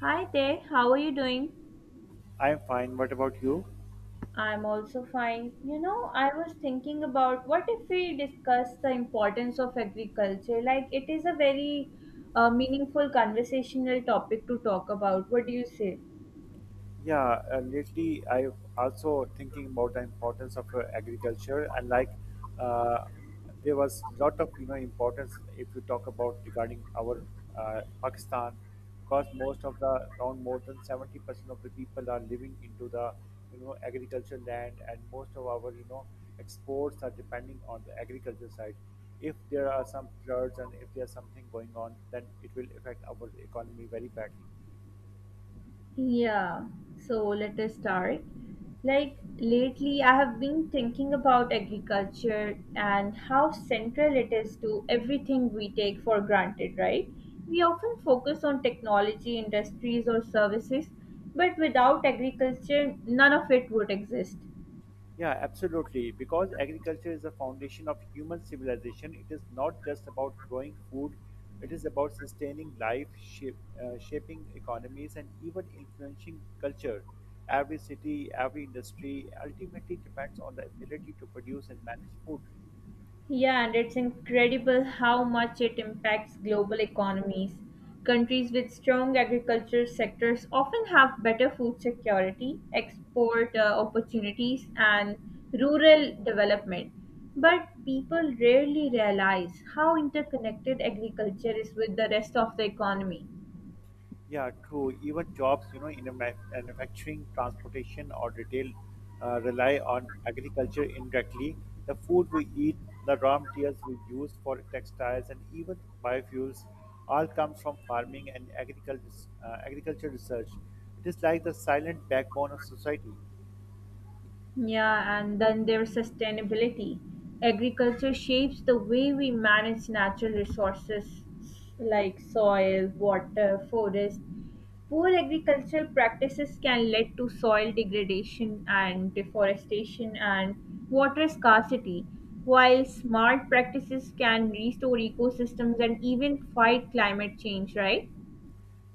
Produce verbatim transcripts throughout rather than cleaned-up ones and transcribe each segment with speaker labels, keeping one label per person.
Speaker 1: Hi there, how are you doing?
Speaker 2: I'm fine. What about you?
Speaker 1: I'm also fine. You know, I was thinking about what if we discuss the importance of agriculture? Like, it is a very uh, meaningful conversational topic to talk about. What do you say?
Speaker 2: Yeah, uh, lately I've also thinking about the importance of uh, agriculture and like uh, there was lot of you know importance if you talk about regarding our uh, Pakistan, because most of the around more than seventy percent of the people are living into the you know agriculture land, and most of our you know exports are depending on the agriculture side. If there are some floods and if there's something going on, then it will affect our economy very badly.
Speaker 1: Yeah, so let us start. Like lately, I have been thinking about agriculture and how central it is to everything we take for granted, right? We often focus on technology, industries, or services, but without agriculture, none of it would exist.
Speaker 2: Yeah, absolutely. Because agriculture is the foundation of human civilization, it is not just about growing food, it is about sustaining life, shape, uh, shaping economies, and even influencing culture. Every city, every industry ultimately depends on the ability to produce and manage food.
Speaker 1: Yeah, and it's incredible how much it impacts global economies. Countries with strong agriculture sectors often have better food security, export uh, opportunities, and rural development. But people rarely realize how interconnected agriculture is with the rest of the economy.
Speaker 2: Yeah, true. Even jobs, you know, in a ma- manufacturing, transportation, or retail uh, rely on agriculture indirectly. The food we eat, the raw materials we use for textiles, and even biofuels all come from farming and agriculture, uh, agriculture research. It is like the silent backbone of society.
Speaker 1: Yeah, and then there's sustainability. Agriculture shapes the way we manage natural resources like soil, water, forest. Poor agricultural practices can lead to soil degradation and deforestation and water scarcity, while smart practices can restore ecosystems and even fight climate change, right?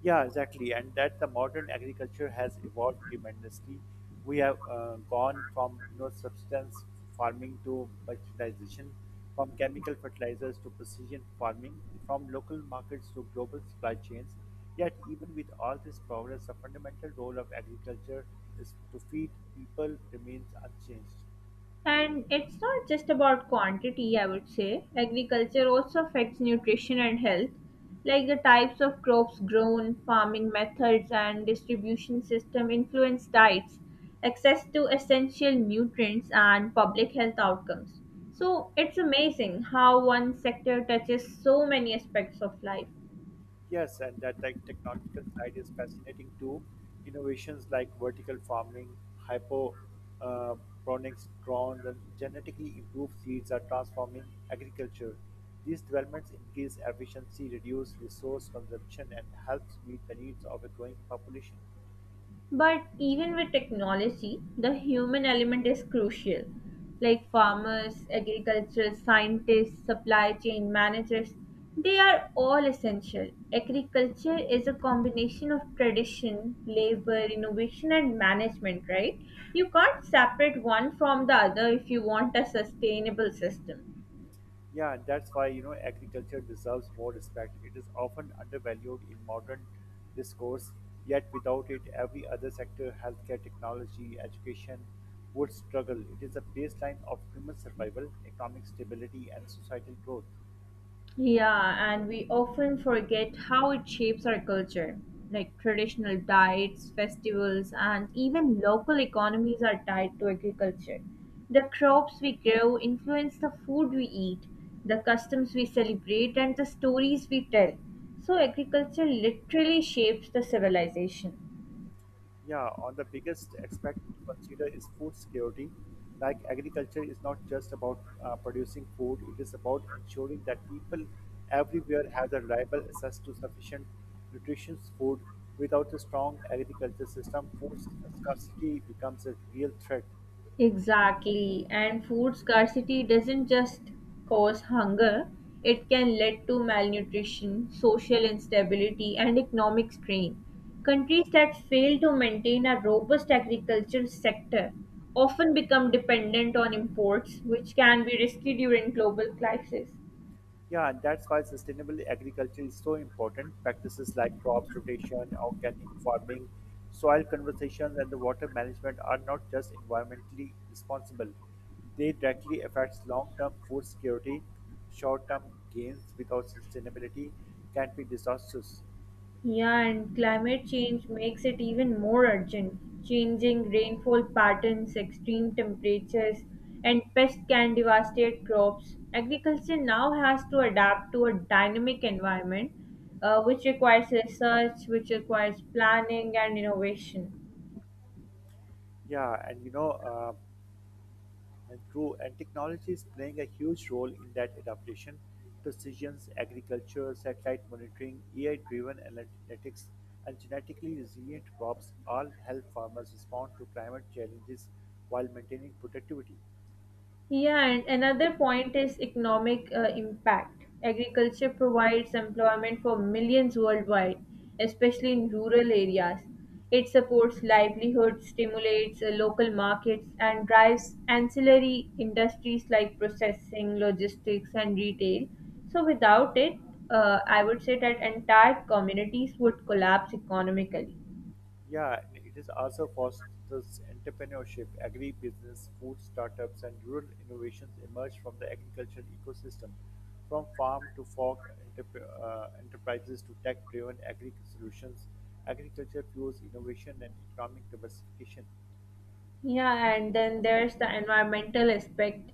Speaker 2: Yeah, exactly. And that the modern agriculture has evolved tremendously. We have uh, gone from you know substance farming to merchandisation, from chemical fertilizers to precision farming, from local markets to global supply chains. Yet, even with all this progress, the fundamental role of agriculture is to feed people remains unchanged.
Speaker 1: And it's not just about quantity, I would say. Agriculture also affects nutrition and health, like the types of crops grown, farming methods, and distribution system influence diets, access to essential nutrients, and public health outcomes. So it's amazing how one sector touches so many aspects of life.
Speaker 2: Yes, and that like technological side is fascinating too. Innovations like vertical farming, hydroponics, uh, pronics, drones, and genetically improved seeds are transforming agriculture. These developments increase efficiency, reduce resource consumption, and helps meet the needs of a growing population.
Speaker 1: But even with technology, the human element is crucial. Like farmers, agricultural scientists, supply chain managers, they are all essential. Agriculture is a combination of tradition, labor, innovation, and management, right? You can't separate one from the other if you want a sustainable system.
Speaker 2: Yeah, and that's why you know agriculture deserves more respect. It is often undervalued in modern discourse, yet without it, every other sector, healthcare, technology, education, would struggle. It is a baseline of human survival, economic stability, and societal growth.
Speaker 1: Yeah, and we often forget how it shapes our culture. Like traditional diets, festivals, and even local economies are tied to agriculture. The crops we grow influence the food we eat, the customs we celebrate, and the stories we tell. So, agriculture literally shapes the civilization.
Speaker 2: Yeah, on the biggest aspect to consider is food security. Like agriculture is not just about uh, producing food, it is about ensuring that people everywhere have a reliable access to sufficient nutritious food. Without a strong agriculture system, food scarcity becomes a real threat.
Speaker 1: Exactly. And food scarcity doesn't just cause hunger, it can lead to malnutrition, social instability, and economic strain. Countries that fail to maintain a robust agriculture sector often become dependent on imports, which can be risky during global crises.
Speaker 2: Yeah, and that's why sustainable agriculture is so important. Practices like crops rotation, organic farming, soil conservation, and the water management are not just environmentally responsible. They directly affect long-term food security. Short-term gains without sustainability can be disastrous.
Speaker 1: Yeah, and climate change makes it even more urgent. Changing rainfall patterns, extreme temperatures, and pests can devastate crops. Agriculture now has to adapt to a dynamic environment, uh, which requires research, which requires planning and innovation.
Speaker 2: Yeah, and you know, uh, And true, and technology is playing a huge role in that adaptation. Precision agriculture, satellite monitoring, A I driven analytics, and genetically resilient crops all help farmers respond to climate challenges while maintaining productivity.
Speaker 1: Yeah, and another point is economic uh, impact. Agriculture provides employment for millions worldwide, especially in rural areas. It supports livelihoods, stimulates uh, local markets, and drives ancillary industries like processing, logistics, and retail. So, without it, uh, I would say that entire communities would collapse economically.
Speaker 2: Yeah, and it is also fosters entrepreneurship, agribusiness, food startups, and rural innovations emerge from the agricultural ecosystem. From farm to fork entrep- uh, enterprises to tech driven agri solutions, agriculture fuels innovation and economic diversification.
Speaker 1: Yeah, and then there's the environmental aspect,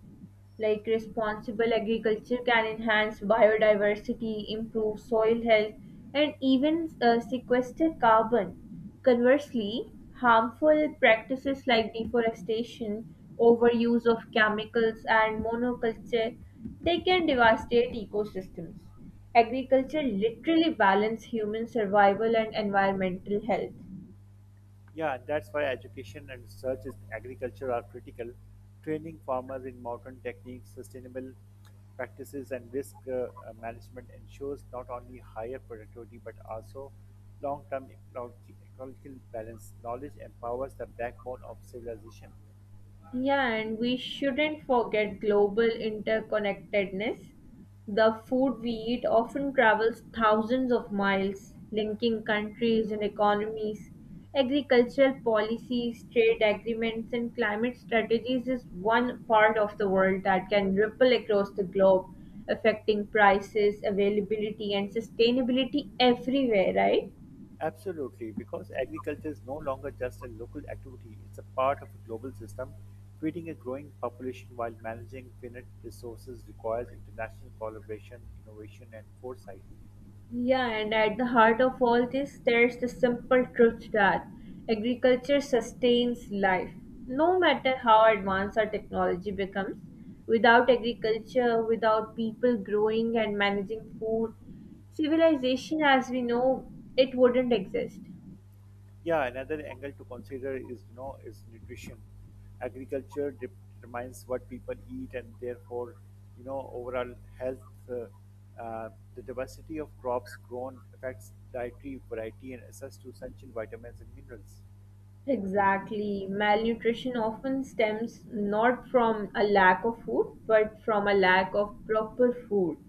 Speaker 1: like responsible agriculture can enhance biodiversity, improve soil health, and even uh, sequester carbon. Conversely, harmful practices like deforestation, overuse of chemicals, and monoculture, they can devastate ecosystems. Agriculture literally balance human survival and environmental health.
Speaker 2: Yeah, and that's why education and research in agriculture are critical. Training farmers in modern techniques, sustainable practices, and risk uh, uh, management ensures not only higher productivity but also long term ecological balance. Knowledge empowers the backbone of civilization.
Speaker 1: Yeah, and we shouldn't forget global interconnectedness. The food we eat often travels thousands of miles, linking countries and economies. Agricultural policies, trade agreements, and climate strategies is one part of the world that can ripple across the globe, affecting prices, availability, and sustainability everywhere, right?
Speaker 2: Absolutely, because agriculture is no longer just a local activity, it's a part of a global system. Feeding a growing population while managing finite resources requires international collaboration, innovation, and foresight.
Speaker 1: Yeah, and at the heart of all this, there's the simple truth that agriculture sustains life. No matter how advanced our technology becomes, without agriculture, without people growing and managing food, civilization as we know it wouldn't exist.
Speaker 2: Yeah, another angle to consider is you know is nutrition. Agriculture determines what people eat, and therefore, you know, overall health. Uh, uh, the diversity of crops grown affects dietary variety and access to essential vitamins and minerals.
Speaker 1: Exactly. Malnutrition often stems not from a lack of food, but from a lack of proper food.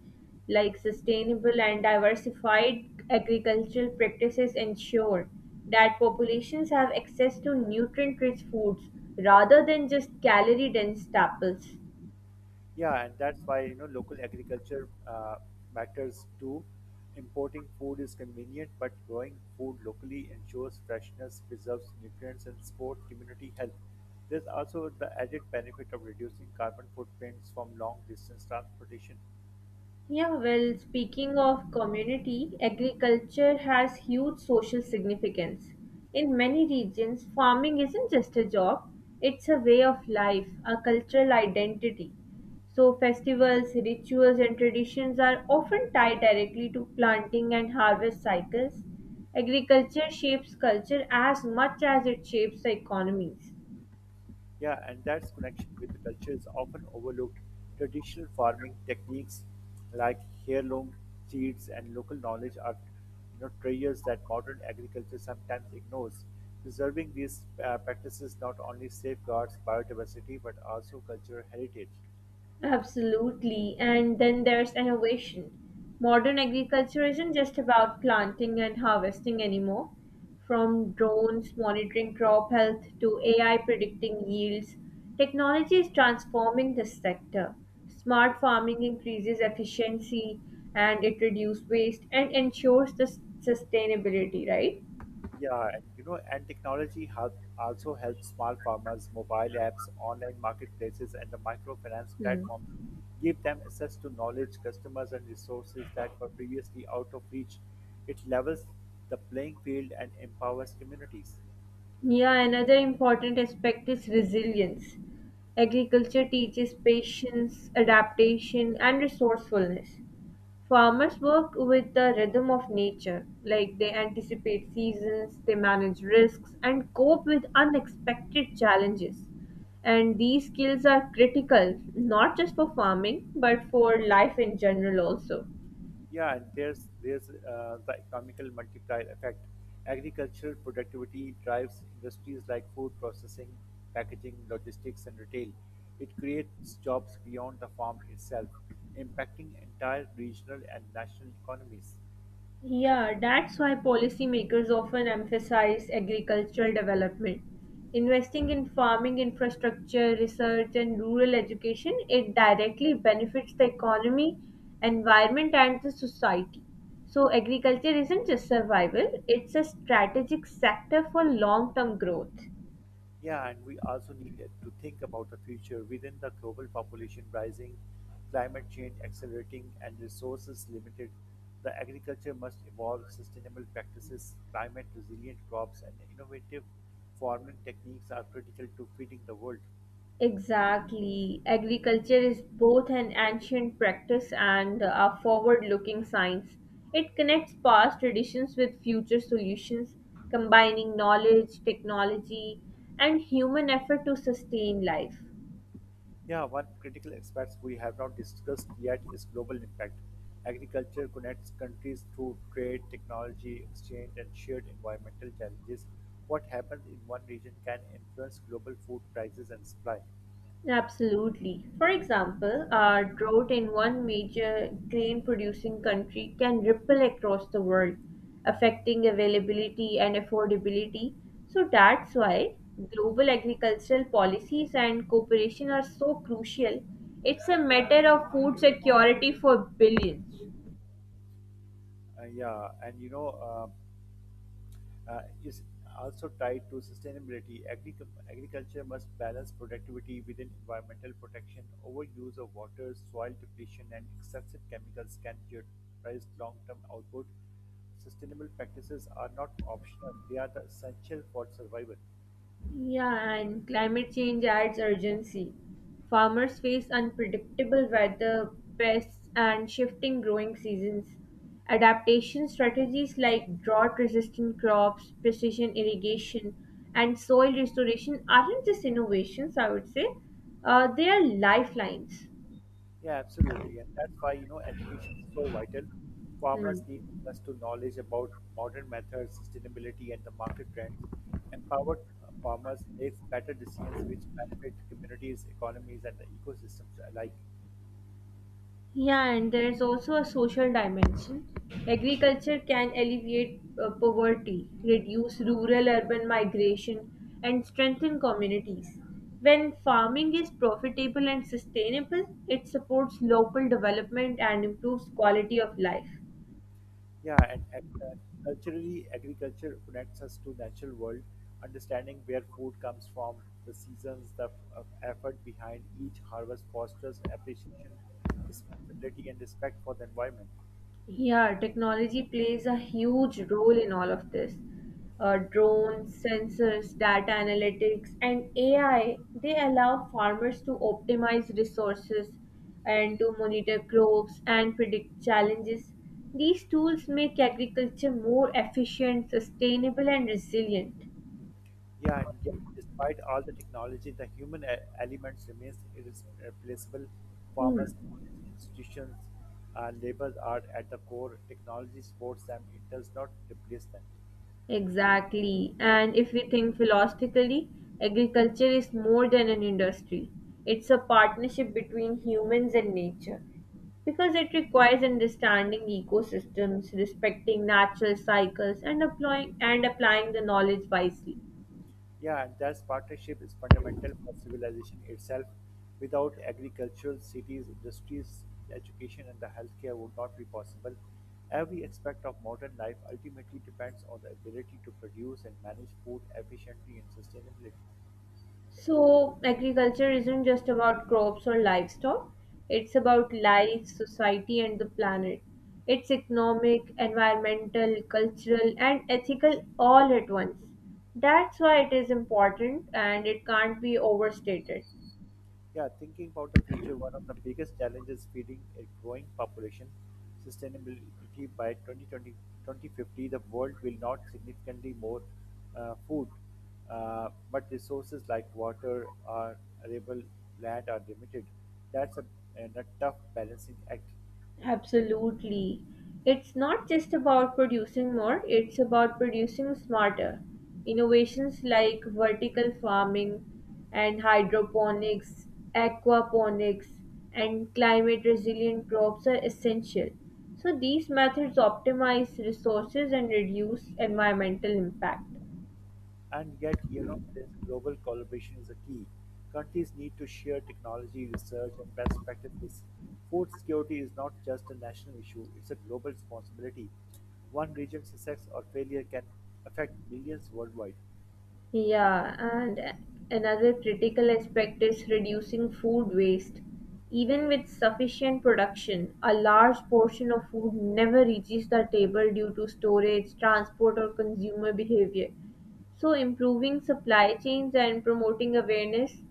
Speaker 1: Like sustainable and diversified agricultural practices ensure that populations have access to nutrient rich foods rather than just calorie dense staples.
Speaker 2: Yeah, and that's why you know local agriculture uh, matters too. Importing food is convenient, but growing food locally ensures freshness, preserves nutrients, and support community health. There's also the added benefit of reducing carbon footprints from long distance transportation.
Speaker 1: Yeah, well, speaking of community, agriculture has huge social significance. In many regions, farming isn't just a job, it's a way of life, a cultural identity. So, festivals, rituals, and traditions are often tied directly to planting and harvest cycles. Agriculture shapes culture as much as it shapes the economies.
Speaker 2: Yeah, and that's connection with the culture is often overlooked. Traditional farming techniques like heirloom seeds and local knowledge are you know, treasures that modern agriculture sometimes ignores. Preserving these uh, practices not only safeguards biodiversity but also cultural heritage.
Speaker 1: Absolutely. And then there's innovation. Modern agriculture isn't just about planting and harvesting anymore. From drones monitoring crop health to A I predicting yields, technology is transforming this sector. Smart farming increases efficiency and it reduces waste and ensures the s- sustainability, right?
Speaker 2: Yeah, and you know, and technology help also helps small farmers, mobile apps, online marketplaces, and the microfinance
Speaker 1: Hmm.
Speaker 2: platforms give them access to knowledge, customers, and resources that were previously out of reach. It levels the playing field and empowers communities.
Speaker 1: Yeah, another important aspect is resilience. Agriculture teaches patience, adaptation, and resourcefulness. Farmers work with the rhythm of nature, like they anticipate seasons, they manage risks, and cope with unexpected challenges. And these skills are critical, not just for farming, but for life in general also.
Speaker 2: Yeah, and there's there's uh, the economical multiplier effect. Agricultural productivity drives industries like food processing, packaging, logistics, and retail. It creates jobs beyond the farm itself, impacting entire regional and national economies.
Speaker 1: Yeah, that's why policymakers often emphasize agricultural development. Investing in farming infrastructure, research, and rural education, it directly benefits the economy, environment, and the society. So, agriculture isn't just survival, it's a strategic sector for long term growth.
Speaker 2: Yeah, and we also need to think about the future within the global population rising, climate change accelerating, and resources limited. The agriculture must evolve sustainable practices, climate resilient crops, and innovative farming techniques are critical to feeding the world.
Speaker 1: Exactly. Agriculture is both an ancient practice and a forward looking science. It connects past traditions with future solutions, combining knowledge, technology, and human effort to sustain life.
Speaker 2: Yeah, one critical aspect we have not discussed yet is global impact. Agriculture connects countries through trade, technology, exchange, and shared environmental challenges. What happens in one region can influence global food prices and supply.
Speaker 1: Absolutely. For example, a drought in one major grain producing country can ripple across the world, affecting availability and affordability. So that's why global agricultural policies and cooperation are so crucial. It's a matter of food security for billions.
Speaker 2: Uh, yeah, and you know, uh, uh, is also tied to sustainability. Agric- agriculture must balance productivity within environmental protection. Overuse of water, soil depletion, and excessive chemicals can jeopardize long term output. Sustainable practices are not optional, they are the essential for survival.
Speaker 1: Yeah, and climate change adds urgency. Farmers face unpredictable weather, pests, and shifting growing seasons. Adaptation strategies like drought resistant crops, precision irrigation, and soil restoration aren't just innovations, I would say. Uh, they are lifelines.
Speaker 2: Yeah, absolutely. And that's why, you know, education is so vital.
Speaker 1: Hmm.
Speaker 2: Farmers need access to knowledge about modern methods, sustainability, and the market trends. Empowered uh, farmers makes better decisions which benefit communities, economies, and the ecosystems alike.
Speaker 1: Yeah, and there's also a social dimension. Agriculture can alleviate uh, poverty, reduce rural urban migration, and strengthen communities. When farming is profitable and sustainable, it supports local development and improves quality of life.
Speaker 2: Yeah, and, and uh, culturally, agriculture connects us to natural world, understanding where food comes from, the seasons, the uh, effort behind each harvest fosters appreciation, responsibility, and respect for the environment.
Speaker 1: Yeah, technology plays a huge role in all of this. Uh, drones, sensors, data analytics, and A I, they allow farmers to optimize resources and to monitor crops and predict challenges. These tools make agriculture more efficient, sustainable, and resilient.
Speaker 2: Yeah, and yet, despite all the technology, the human e- elements remains irreplaceable.
Speaker 1: Hmm.
Speaker 2: Farmers, knowledge, institutions, uh, labor are at the core. Technology supports them; it does not replace them.
Speaker 1: Exactly. And if we think philosophically, agriculture is more than an industry. It's a partnership between humans and nature because it requires understanding ecosystems, respecting natural cycles, and applying and applying the knowledge wisely.
Speaker 2: Yeah, and thus partnership is fundamental for civilization itself. Without agricultural cities, industries, education, and the healthcare would not be possible. Every aspect of modern life ultimately depends on the ability to produce and manage food efficiently and sustainability.
Speaker 1: So, agriculture isn't just about crops or livestock, it's about life, society, and the planet. It's economic, environmental, cultural, and ethical all at once. That's why it is important and it can't be overstated.
Speaker 2: Yeah, thinking about the future, one of the biggest challenges feeding a growing population sustainability by twenty twenty, twenty fifty, the world will not significantly more uh, food, uh, but resources like water or arable land are limited. That's a, and A tough balancing act.
Speaker 1: Absolutely. It's not just about producing more, it's about producing smarter. Innovations like vertical farming and hydroponics, aquaponics, and climate resilient crops are essential. So, these methods optimize resources and reduce environmental impact.
Speaker 2: And yet, you know, this global collaboration is a key. Countries need to share technology, research, and best practices. Food security is not just a national issue, it's a global responsibility. One region's success or failure can affect millions worldwide.
Speaker 1: Yeah, and another critical aspect is reducing food waste. Even with sufficient production, a large portion of food never reaches the table due to storage, transport, or consumer behavior. So, improving supply chains and promoting awareness,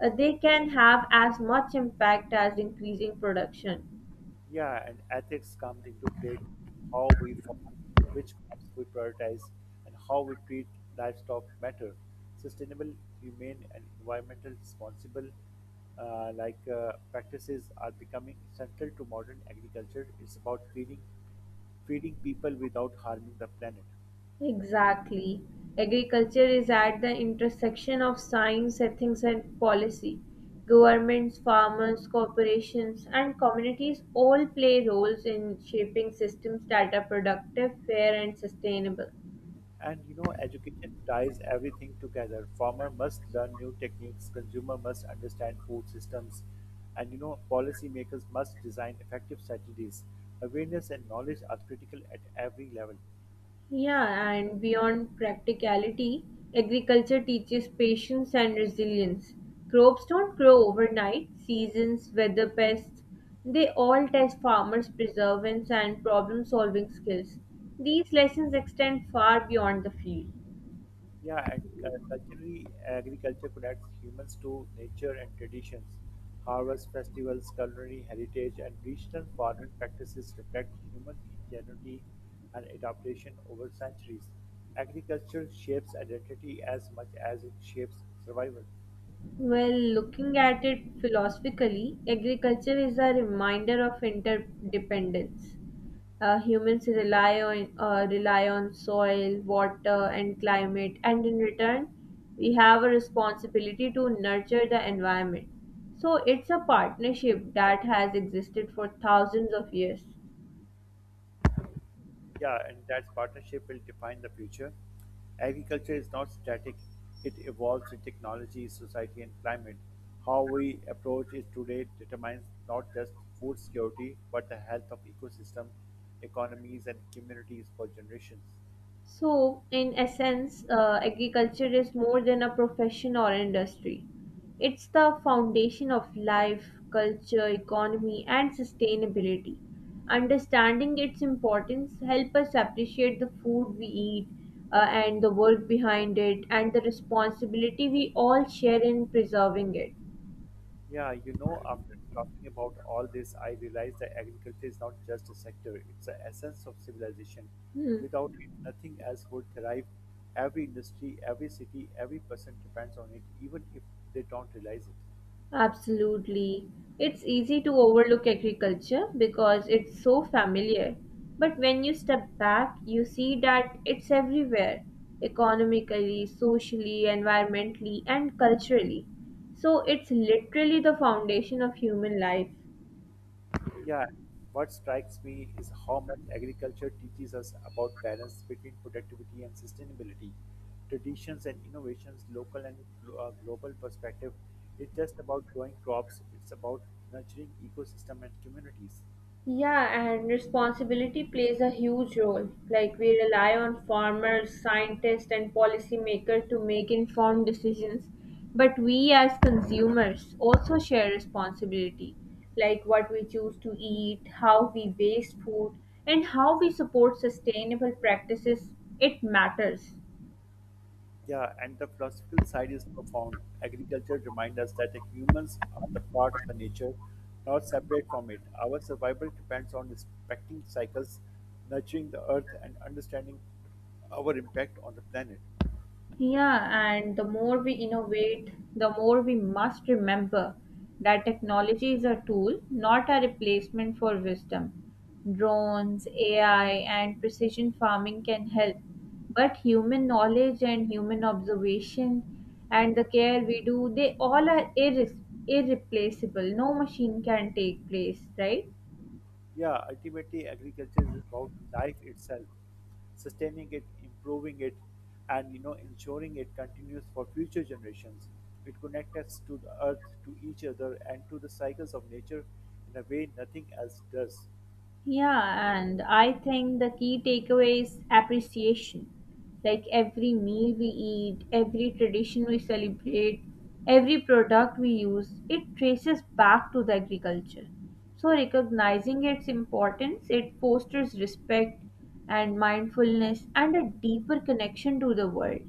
Speaker 1: uh, they can have as much impact as increasing production.
Speaker 2: Yeah, and ethics comes into play too. How we farm, which crops we prioritize, and how we treat livestock matter. Sustainable, humane, and environmental responsible uh, like uh, practices are becoming central to modern agriculture. It's about feeding feeding people without harming the planet.
Speaker 1: Exactly. Agriculture is at the intersection of science, ethics, and policy. Governments, farmers, corporations, and communities all play roles in shaping systems that are productive, fair, and sustainable.
Speaker 2: And you know, education ties everything together. Farmer must learn new techniques, consumer must understand food systems, and you know, policymakers must design effective strategies. Awareness and knowledge are critical at every level.
Speaker 1: Yeah, and beyond practicality, agriculture teaches patience and resilience. Crops don't grow overnight, seasons, weather, pests, they all test farmers' perseverance and problem solving skills. These lessons extend far beyond the field.
Speaker 2: Yeah, and cu- culturally, agriculture connects humans to nature and traditions. Harvest festivals, culinary heritage, and regional farming practices reflect human ingenuity and adaptation over centuries. Agriculture shapes identity as much as it shapes survival.
Speaker 1: Well, looking at it philosophically, agriculture is a reminder of interdependence. Uh, humans rely on uh, rely on soil, water, and climate, and in return, we have a responsibility to nurture the environment. So it's a partnership that has existed for thousands of years.
Speaker 2: Yeah, and that partnership will define the future. Agriculture is not static, it evolves with technology, society, and climate. How we approach it today determines not just food security, but the health of ecosystem, economies, and communities for generations.
Speaker 1: So, in essence, uh, agriculture is more than a profession or industry. It's the foundation of life, culture, economy, and sustainability. Understanding its importance help us appreciate the food we eat uh, and the work behind it and the responsibility we all share in preserving it.
Speaker 2: Yeah, you know, after talking about all this, I realize that agriculture is not just a sector, it's the essence of civilization.
Speaker 1: Hmm.
Speaker 2: Without it, nothing else would thrive. Every industry, every city, every person depends on it, even if they don't realize it.
Speaker 1: Absolutely. It's easy to overlook agriculture because it's so familiar. But when you step back, you see that it's everywhere economically, socially, environmentally, and culturally. So it's literally the foundation of human life.
Speaker 2: Yeah, what strikes me is how much agriculture teaches us about balance between productivity and sustainability. Traditions and innovations, local and glo- uh, global perspective, it's just about growing crops, it's about nurturing ecosystem and communities.
Speaker 1: Yeah, and responsibility plays a huge role. Like we rely on farmers, scientists, and policymakers to make informed decisions. But we as consumers also share responsibility, like what we choose to eat, how we waste food, and how we support sustainable practices. It matters.
Speaker 2: Yeah, and the philosophical side is profound. Agriculture reminds us that the humans are the part of the nature, not separate from it. Our survival depends on respecting cycles, nurturing the earth, and understanding our impact on the planet.
Speaker 1: Yeah, and the more we innovate, the more we must remember that technology is a tool, not a replacement for wisdom. Drones, A I, and precision farming can help, but human knowledge and human observation and the care we do, they all are irre- irreplaceable. No machine can take place, right?
Speaker 2: Yeah, ultimately, agriculture is about life itself, sustaining it, improving it, and you know ensuring it continues for future generations. It connects us to the earth, to each other, and to the cycles of nature in a way nothing else does.
Speaker 1: Yeah, and I think the key takeaway is appreciation. Like every meal we eat, every tradition we celebrate, every product we use, it traces back to the agriculture. So recognizing its importance, it fosters respect and mindfulness and a deeper connection to the world.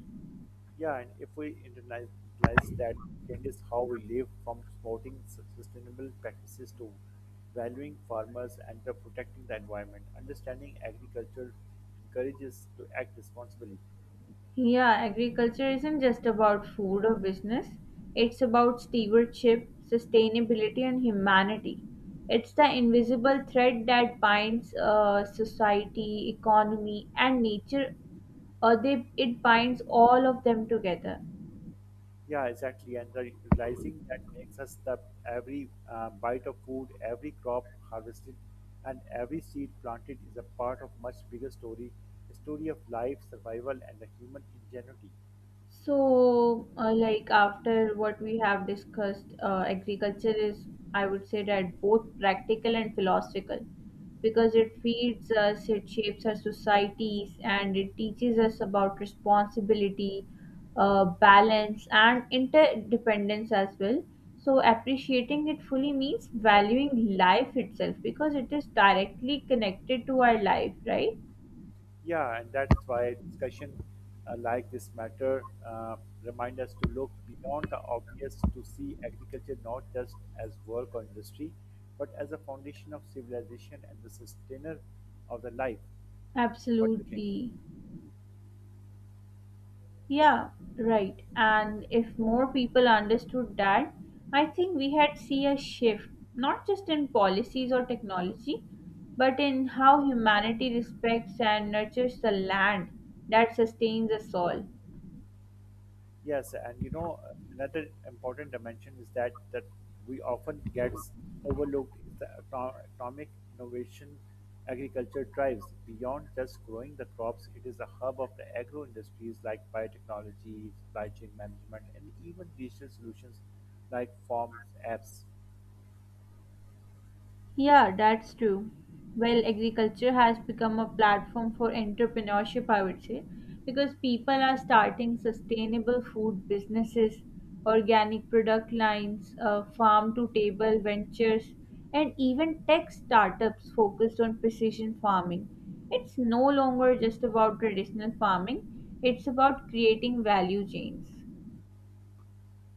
Speaker 2: Yeah, and if we internalize that changes how we live from supporting su- sustainable practices to valuing farmers and to protecting the environment, understanding agriculture encourages to act responsibly.
Speaker 1: Yeah, agriculture isn't just about food or business. It's about stewardship, sustainability, and humanity. It's the invisible thread that binds uh, society, economy, and nature. Uh, they, it binds all of them together.
Speaker 2: Yeah, exactly. And the realizing that makes us that every uh, bite of food, every crop harvested, and every seed planted is a part of much bigger story, a story of life, survival, and the human ingenuity.
Speaker 1: So, uh, like after what we have discussed, uh, agriculture is, I would say that both practical and philosophical because it feeds us, it shapes our societies, and it teaches us about responsibility, uh, balance, and interdependence as well. So, appreciating it fully means valuing life itself because it is directly connected to our life, right?
Speaker 2: Yeah, and that's why discussion uh, like this matter uh, remind us to look beyond the obvious to see agriculture not just as work or industry, but as a foundation of civilization and the sustainer of the life. What do you think?
Speaker 1: Absolutely. Yeah, right. And if more people understood that, I think we had see a shift, not just in policies or technology, but in how humanity respects and nurtures the land that sustains us all.
Speaker 2: Yes, and you know another important dimension is that that we often gets overlooked is the eco- economic innovation agriculture drives beyond just growing the crops. It is a hub of the agro industries like biotechnology, supply chain management, and even digital solutions like farm apps.
Speaker 1: Yeah, that's true. Well, agriculture has become a platform for entrepreneurship, I would say, because people are starting sustainable food businesses, organic product lines, uh, farm to table ventures, and even tech startups focused on precision farming. It's no longer just about traditional farming, it's about creating value chains.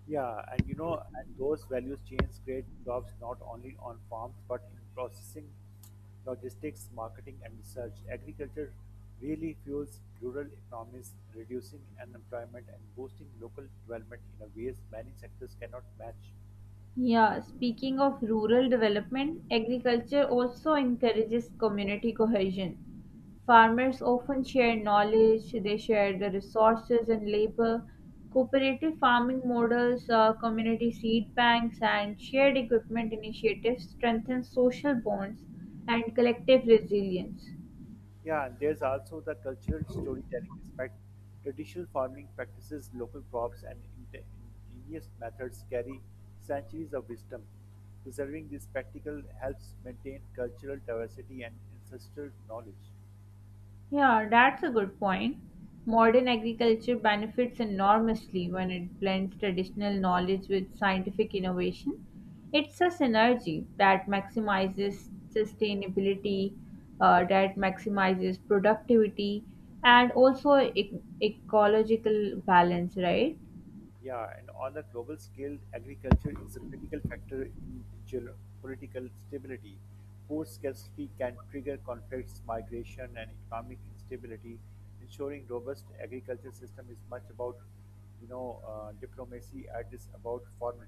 Speaker 2: Yeah, and you know, and those values chains create jobs not only on farms but in processing, logistics, marketing, and research. Agriculture really fuels rural economies, reducing unemployment and boosting local development in a ways many sectors cannot match.
Speaker 1: Yeah, speaking of rural development, agriculture also encourages community cohesion. Farmers often share knowledge, they share the resources and labor. Cooperative farming models, uh, community seed banks, and shared equipment initiatives strengthen social bonds and collective resilience.
Speaker 2: Yeah, and there's also the cultural storytelling aspect. Traditional farming practices, local crops, and inte- ingenious methods carry centuries of wisdom. Preserving this practical helps maintain cultural diversity and ancestral knowledge.
Speaker 1: Yeah, that's a good point. Modern agriculture benefits enormously when it blends traditional knowledge with scientific innovation. It's a synergy that maximizes sustainability, uh, that maximizes productivity, and also e- ecological balance, right?
Speaker 2: Yeah, and on a global scale, agriculture is a critical factor in geopolitical stability. Food scarcity can trigger conflicts, migration, and economic instability. Ensuring robust agriculture system is much about, you know, uh, diplomacy. And It is about farming.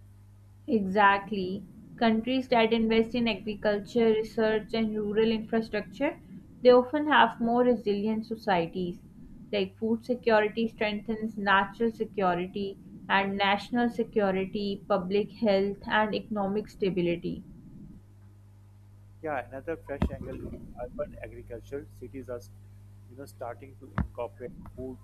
Speaker 1: Exactly. Countries that invest in agriculture, research, and rural infrastructure, they often have more resilient societies. Like food security strengthens natural security and national security, public health, and economic stability.
Speaker 2: Yeah, another fresh angle in urban agriculture. Cities are, st- you know, starting to incorporate food,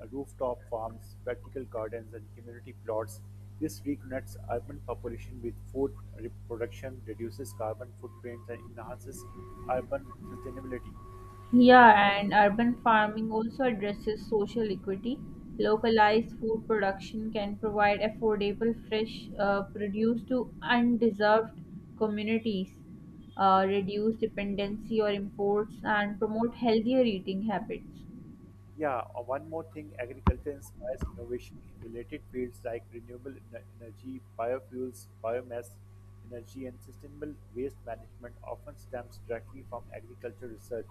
Speaker 2: uh, rooftop farms, vertical gardens, and community plots. This reconnects urban population with food re- production, reduces carbon footprints, and enhances urban sustainability.
Speaker 1: Yeah, and urban farming also addresses social equity. Localized food production can provide affordable, fresh uh, produce to undeserved communities, uh, reduce dependency on imports, and promote healthier eating habits.
Speaker 2: Yeah, uh, one more thing, agriculture inspires innovation in related fields like renewable ener- energy, biofuels, biomass energy, and sustainable waste management often stems directly from agriculture research.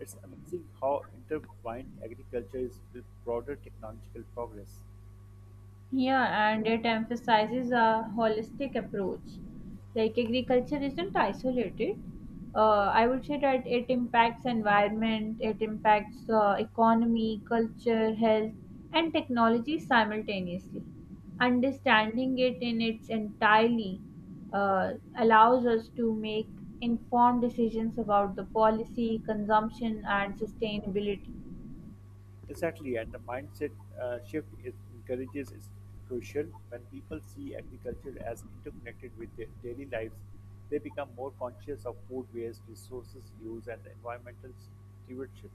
Speaker 2: It's amazing how intertwined agriculture is with broader technological progress.
Speaker 1: Yeah, and it emphasizes a holistic approach. Like agriculture isn't isolated. Uh, I would say that it impacts environment, it impacts uh, economy, culture, health, and technology simultaneously. Understanding it in its entirely uh, allows us to make informed decisions about the policy, consumption, and sustainability.
Speaker 2: Exactly, and the mindset uh, shift it encourages is crucial. When people see agriculture as interconnected with their daily lives, they become more conscious of food waste, resources use, and environmental stewardship.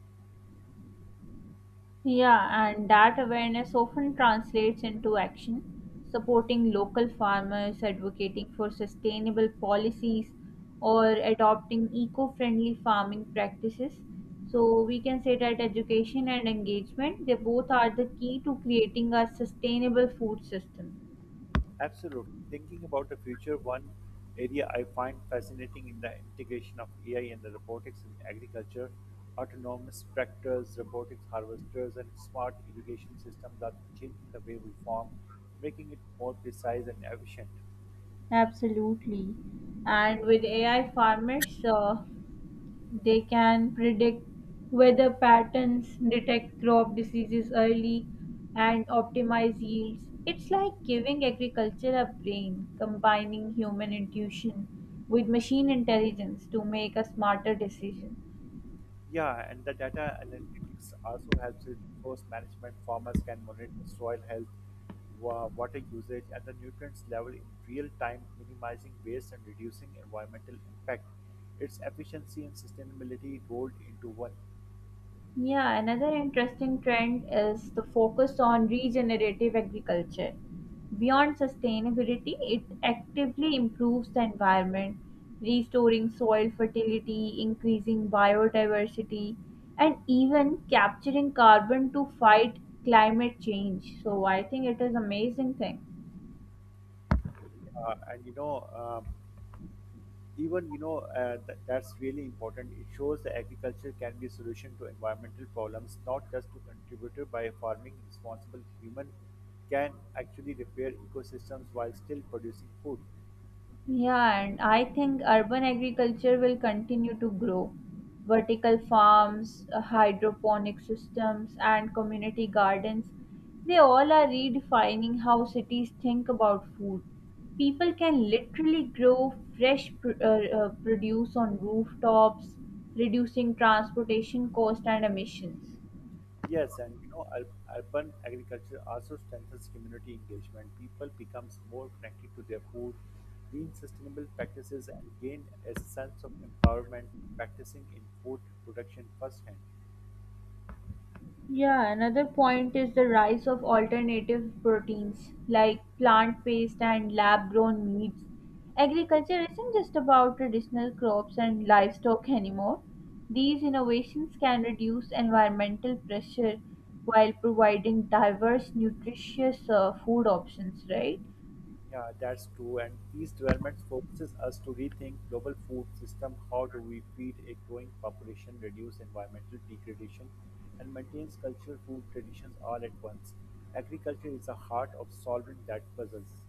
Speaker 1: Yeah, and that awareness often translates into action, supporting local farmers, advocating for sustainable policies, or adopting eco friendly farming practices. So, we can say that education and engagement they both are the key to creating a sustainable food system.
Speaker 2: Absolutely. Thinking about the future, one area I find fascinating in the integration of A I and the robotics in agriculture, autonomous tractors, robotics harvesters, and smart irrigation systems are changing the way we farm, making it more precise and efficient.
Speaker 1: Absolutely. And with A I farmers, uh, They can predict weather patterns, detect crop diseases early, and optimize yields. It's like giving agriculture a brain, combining human intuition with machine intelligence to make a smarter decision.
Speaker 2: Yeah, and the data analytics also helps with resource management. Farmers can monitor soil health, wa- water usage, and the nutrients level in real time, minimizing waste and reducing environmental impact. Its efficiency and sustainability rolled into one.
Speaker 1: Yeah, another interesting trend is the focus on regenerative agriculture. Beyond sustainability, it actively improves the environment, restoring soil fertility, increasing biodiversity, and even capturing carbon to fight climate change. So I think it is amazing thing.
Speaker 2: Uh, and you know, um even you know uh, th- That's really important. It shows that agriculture can be a solution to environmental problems, not just to contributor. By farming responsible, human can actually repair ecosystems while still producing food.
Speaker 1: Yeah, and I think urban agriculture will continue to grow. Vertical farms, uh, hydroponic systems, and community gardens, they all are redefining how cities think about food. People can literally grow fresh pr- uh, uh, produce on rooftops, reducing transportation cost and emissions.
Speaker 2: Yes, and you know ur- urban agriculture also strengthens community engagement. People becomes more connected to their food, lean sustainable practices, and gain a sense of empowerment practicing in food production firsthand.
Speaker 1: Yeah, another point is the rise of alternative proteins like plant based and lab grown meats. Agriculture isn't just about traditional crops and livestock anymore. These innovations can reduce environmental pressure while providing diverse, nutritious uh, food options, right?
Speaker 2: Yeah, that's true. And these developments forces us to rethink global food system. How do we feed a growing population, reduce environmental degradation, and maintain cultural food traditions all at once? Agriculture is the heart of solving that puzzles.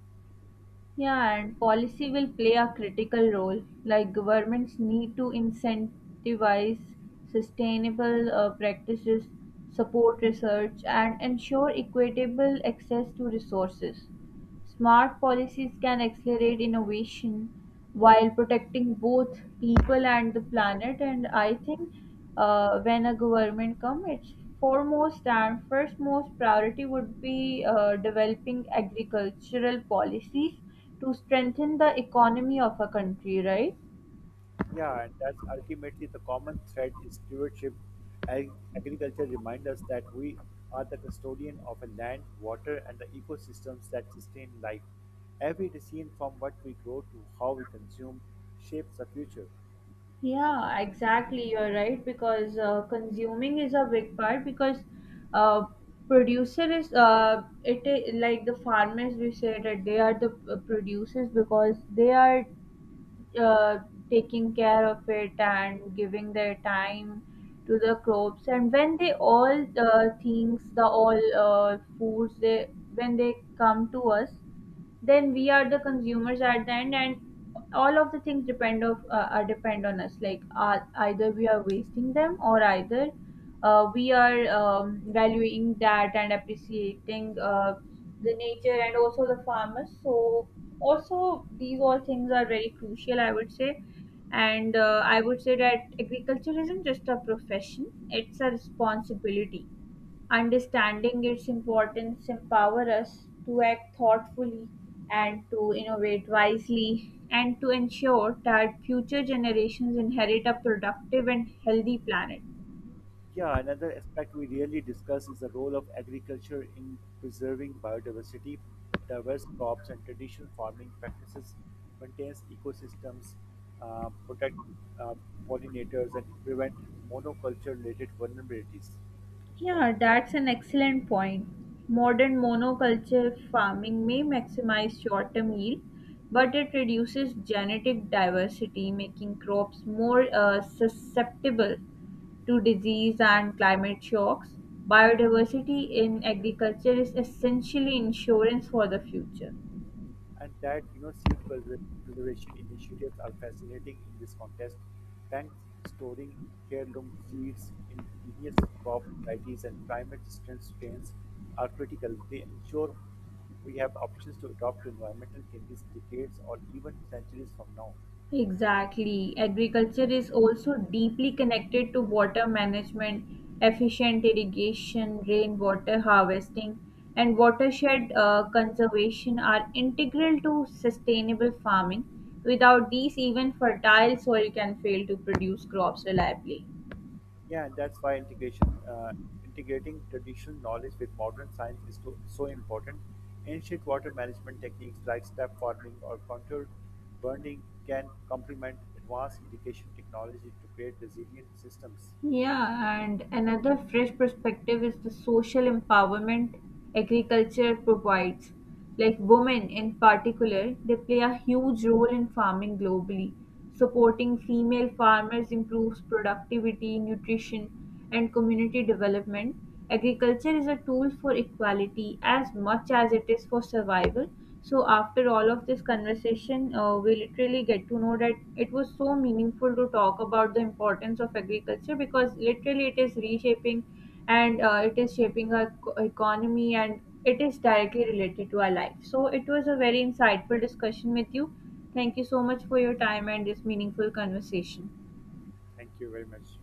Speaker 1: Yeah, and policy will play a critical role. Like governments need to incentivize sustainable uh, practices, support research, and ensure equitable access to resources. Smart policies can accelerate innovation while protecting both people and the planet. And I think uh, when a government comes, its foremost and first most priority would be uh, developing agricultural policies to strengthen the economy of a country, right?
Speaker 2: Yeah, and that's ultimately the common thread is stewardship. Ag- agriculture reminds us that we are the custodian of a land, water, and the ecosystems that sustain life. Every decision from what we grow to how we consume shapes the future.
Speaker 1: Yeah, exactly. You're right because uh, consuming is a big part because uh, producer is uh, it i- like the farmers we say that they are the uh, producers because they are uh, taking care of it and giving their time to the crops and when they all uh, things the all uh, foods they when they come to us then we are the consumers at the end and all of the things depend of uh, are depend on us like uh, either we are wasting them or either uh, we are um, valuing that and appreciating uh, the nature and also the farmers so also these all things are very crucial. I would say and uh, I would say that agriculture isn't just a profession, it's a responsibility. Understanding its importance empower us to act thoughtfully and to innovate wisely and to ensure that future generations inherit a productive and healthy planet.
Speaker 2: Yeah, another aspect we rarely discuss is the role of agriculture in preserving biodiversity. Diverse crops and traditional farming practices maintains ecosystems, uh, protect uh, pollinators, and prevent monoculture-related vulnerabilities.
Speaker 1: Yeah, that's an excellent point. Modern monoculture farming may maximize short-term yield, but it reduces genetic diversity, making crops more uh, susceptible to disease and climate shocks. Biodiversity in agriculture is essentially insurance for the future.
Speaker 2: And that you know seed preser- preservation initiatives are fascinating in this context. Banks storing heirloom seeds, indigenous crop varieties, and climate-resistant strains are critical. They ensure we have options to adapt to environmental changes decades or even centuries from now.
Speaker 1: Exactly. Agriculture is also deeply connected to water management, efficient irrigation, rainwater harvesting, and watershed uh, conservation are integral to sustainable farming. Without these, even fertile soil can fail to produce crops reliably.
Speaker 2: Yeah, and that's why integration, uh, integrating traditional knowledge with modern science is to, so important. Ancient water management techniques like step farming or contour burning can complement advanced irrigation technology to create resilient systems.
Speaker 1: Yeah, and another fresh perspective is the social empowerment agriculture provides. Like women in particular, they play a huge role in farming globally. Supporting female farmers improves productivity, nutrition, and community development, agriculture is a tool for equality as much as it is for survival. So, after all of this conversation, uh, we literally get to know that it was so meaningful to talk about the importance of agriculture because literally it is reshaping and uh, it is shaping our co- economy and it is directly related to our life. So, it was a very insightful discussion with you. Thank you so much for your time and this meaningful conversation.
Speaker 2: Thank you very much.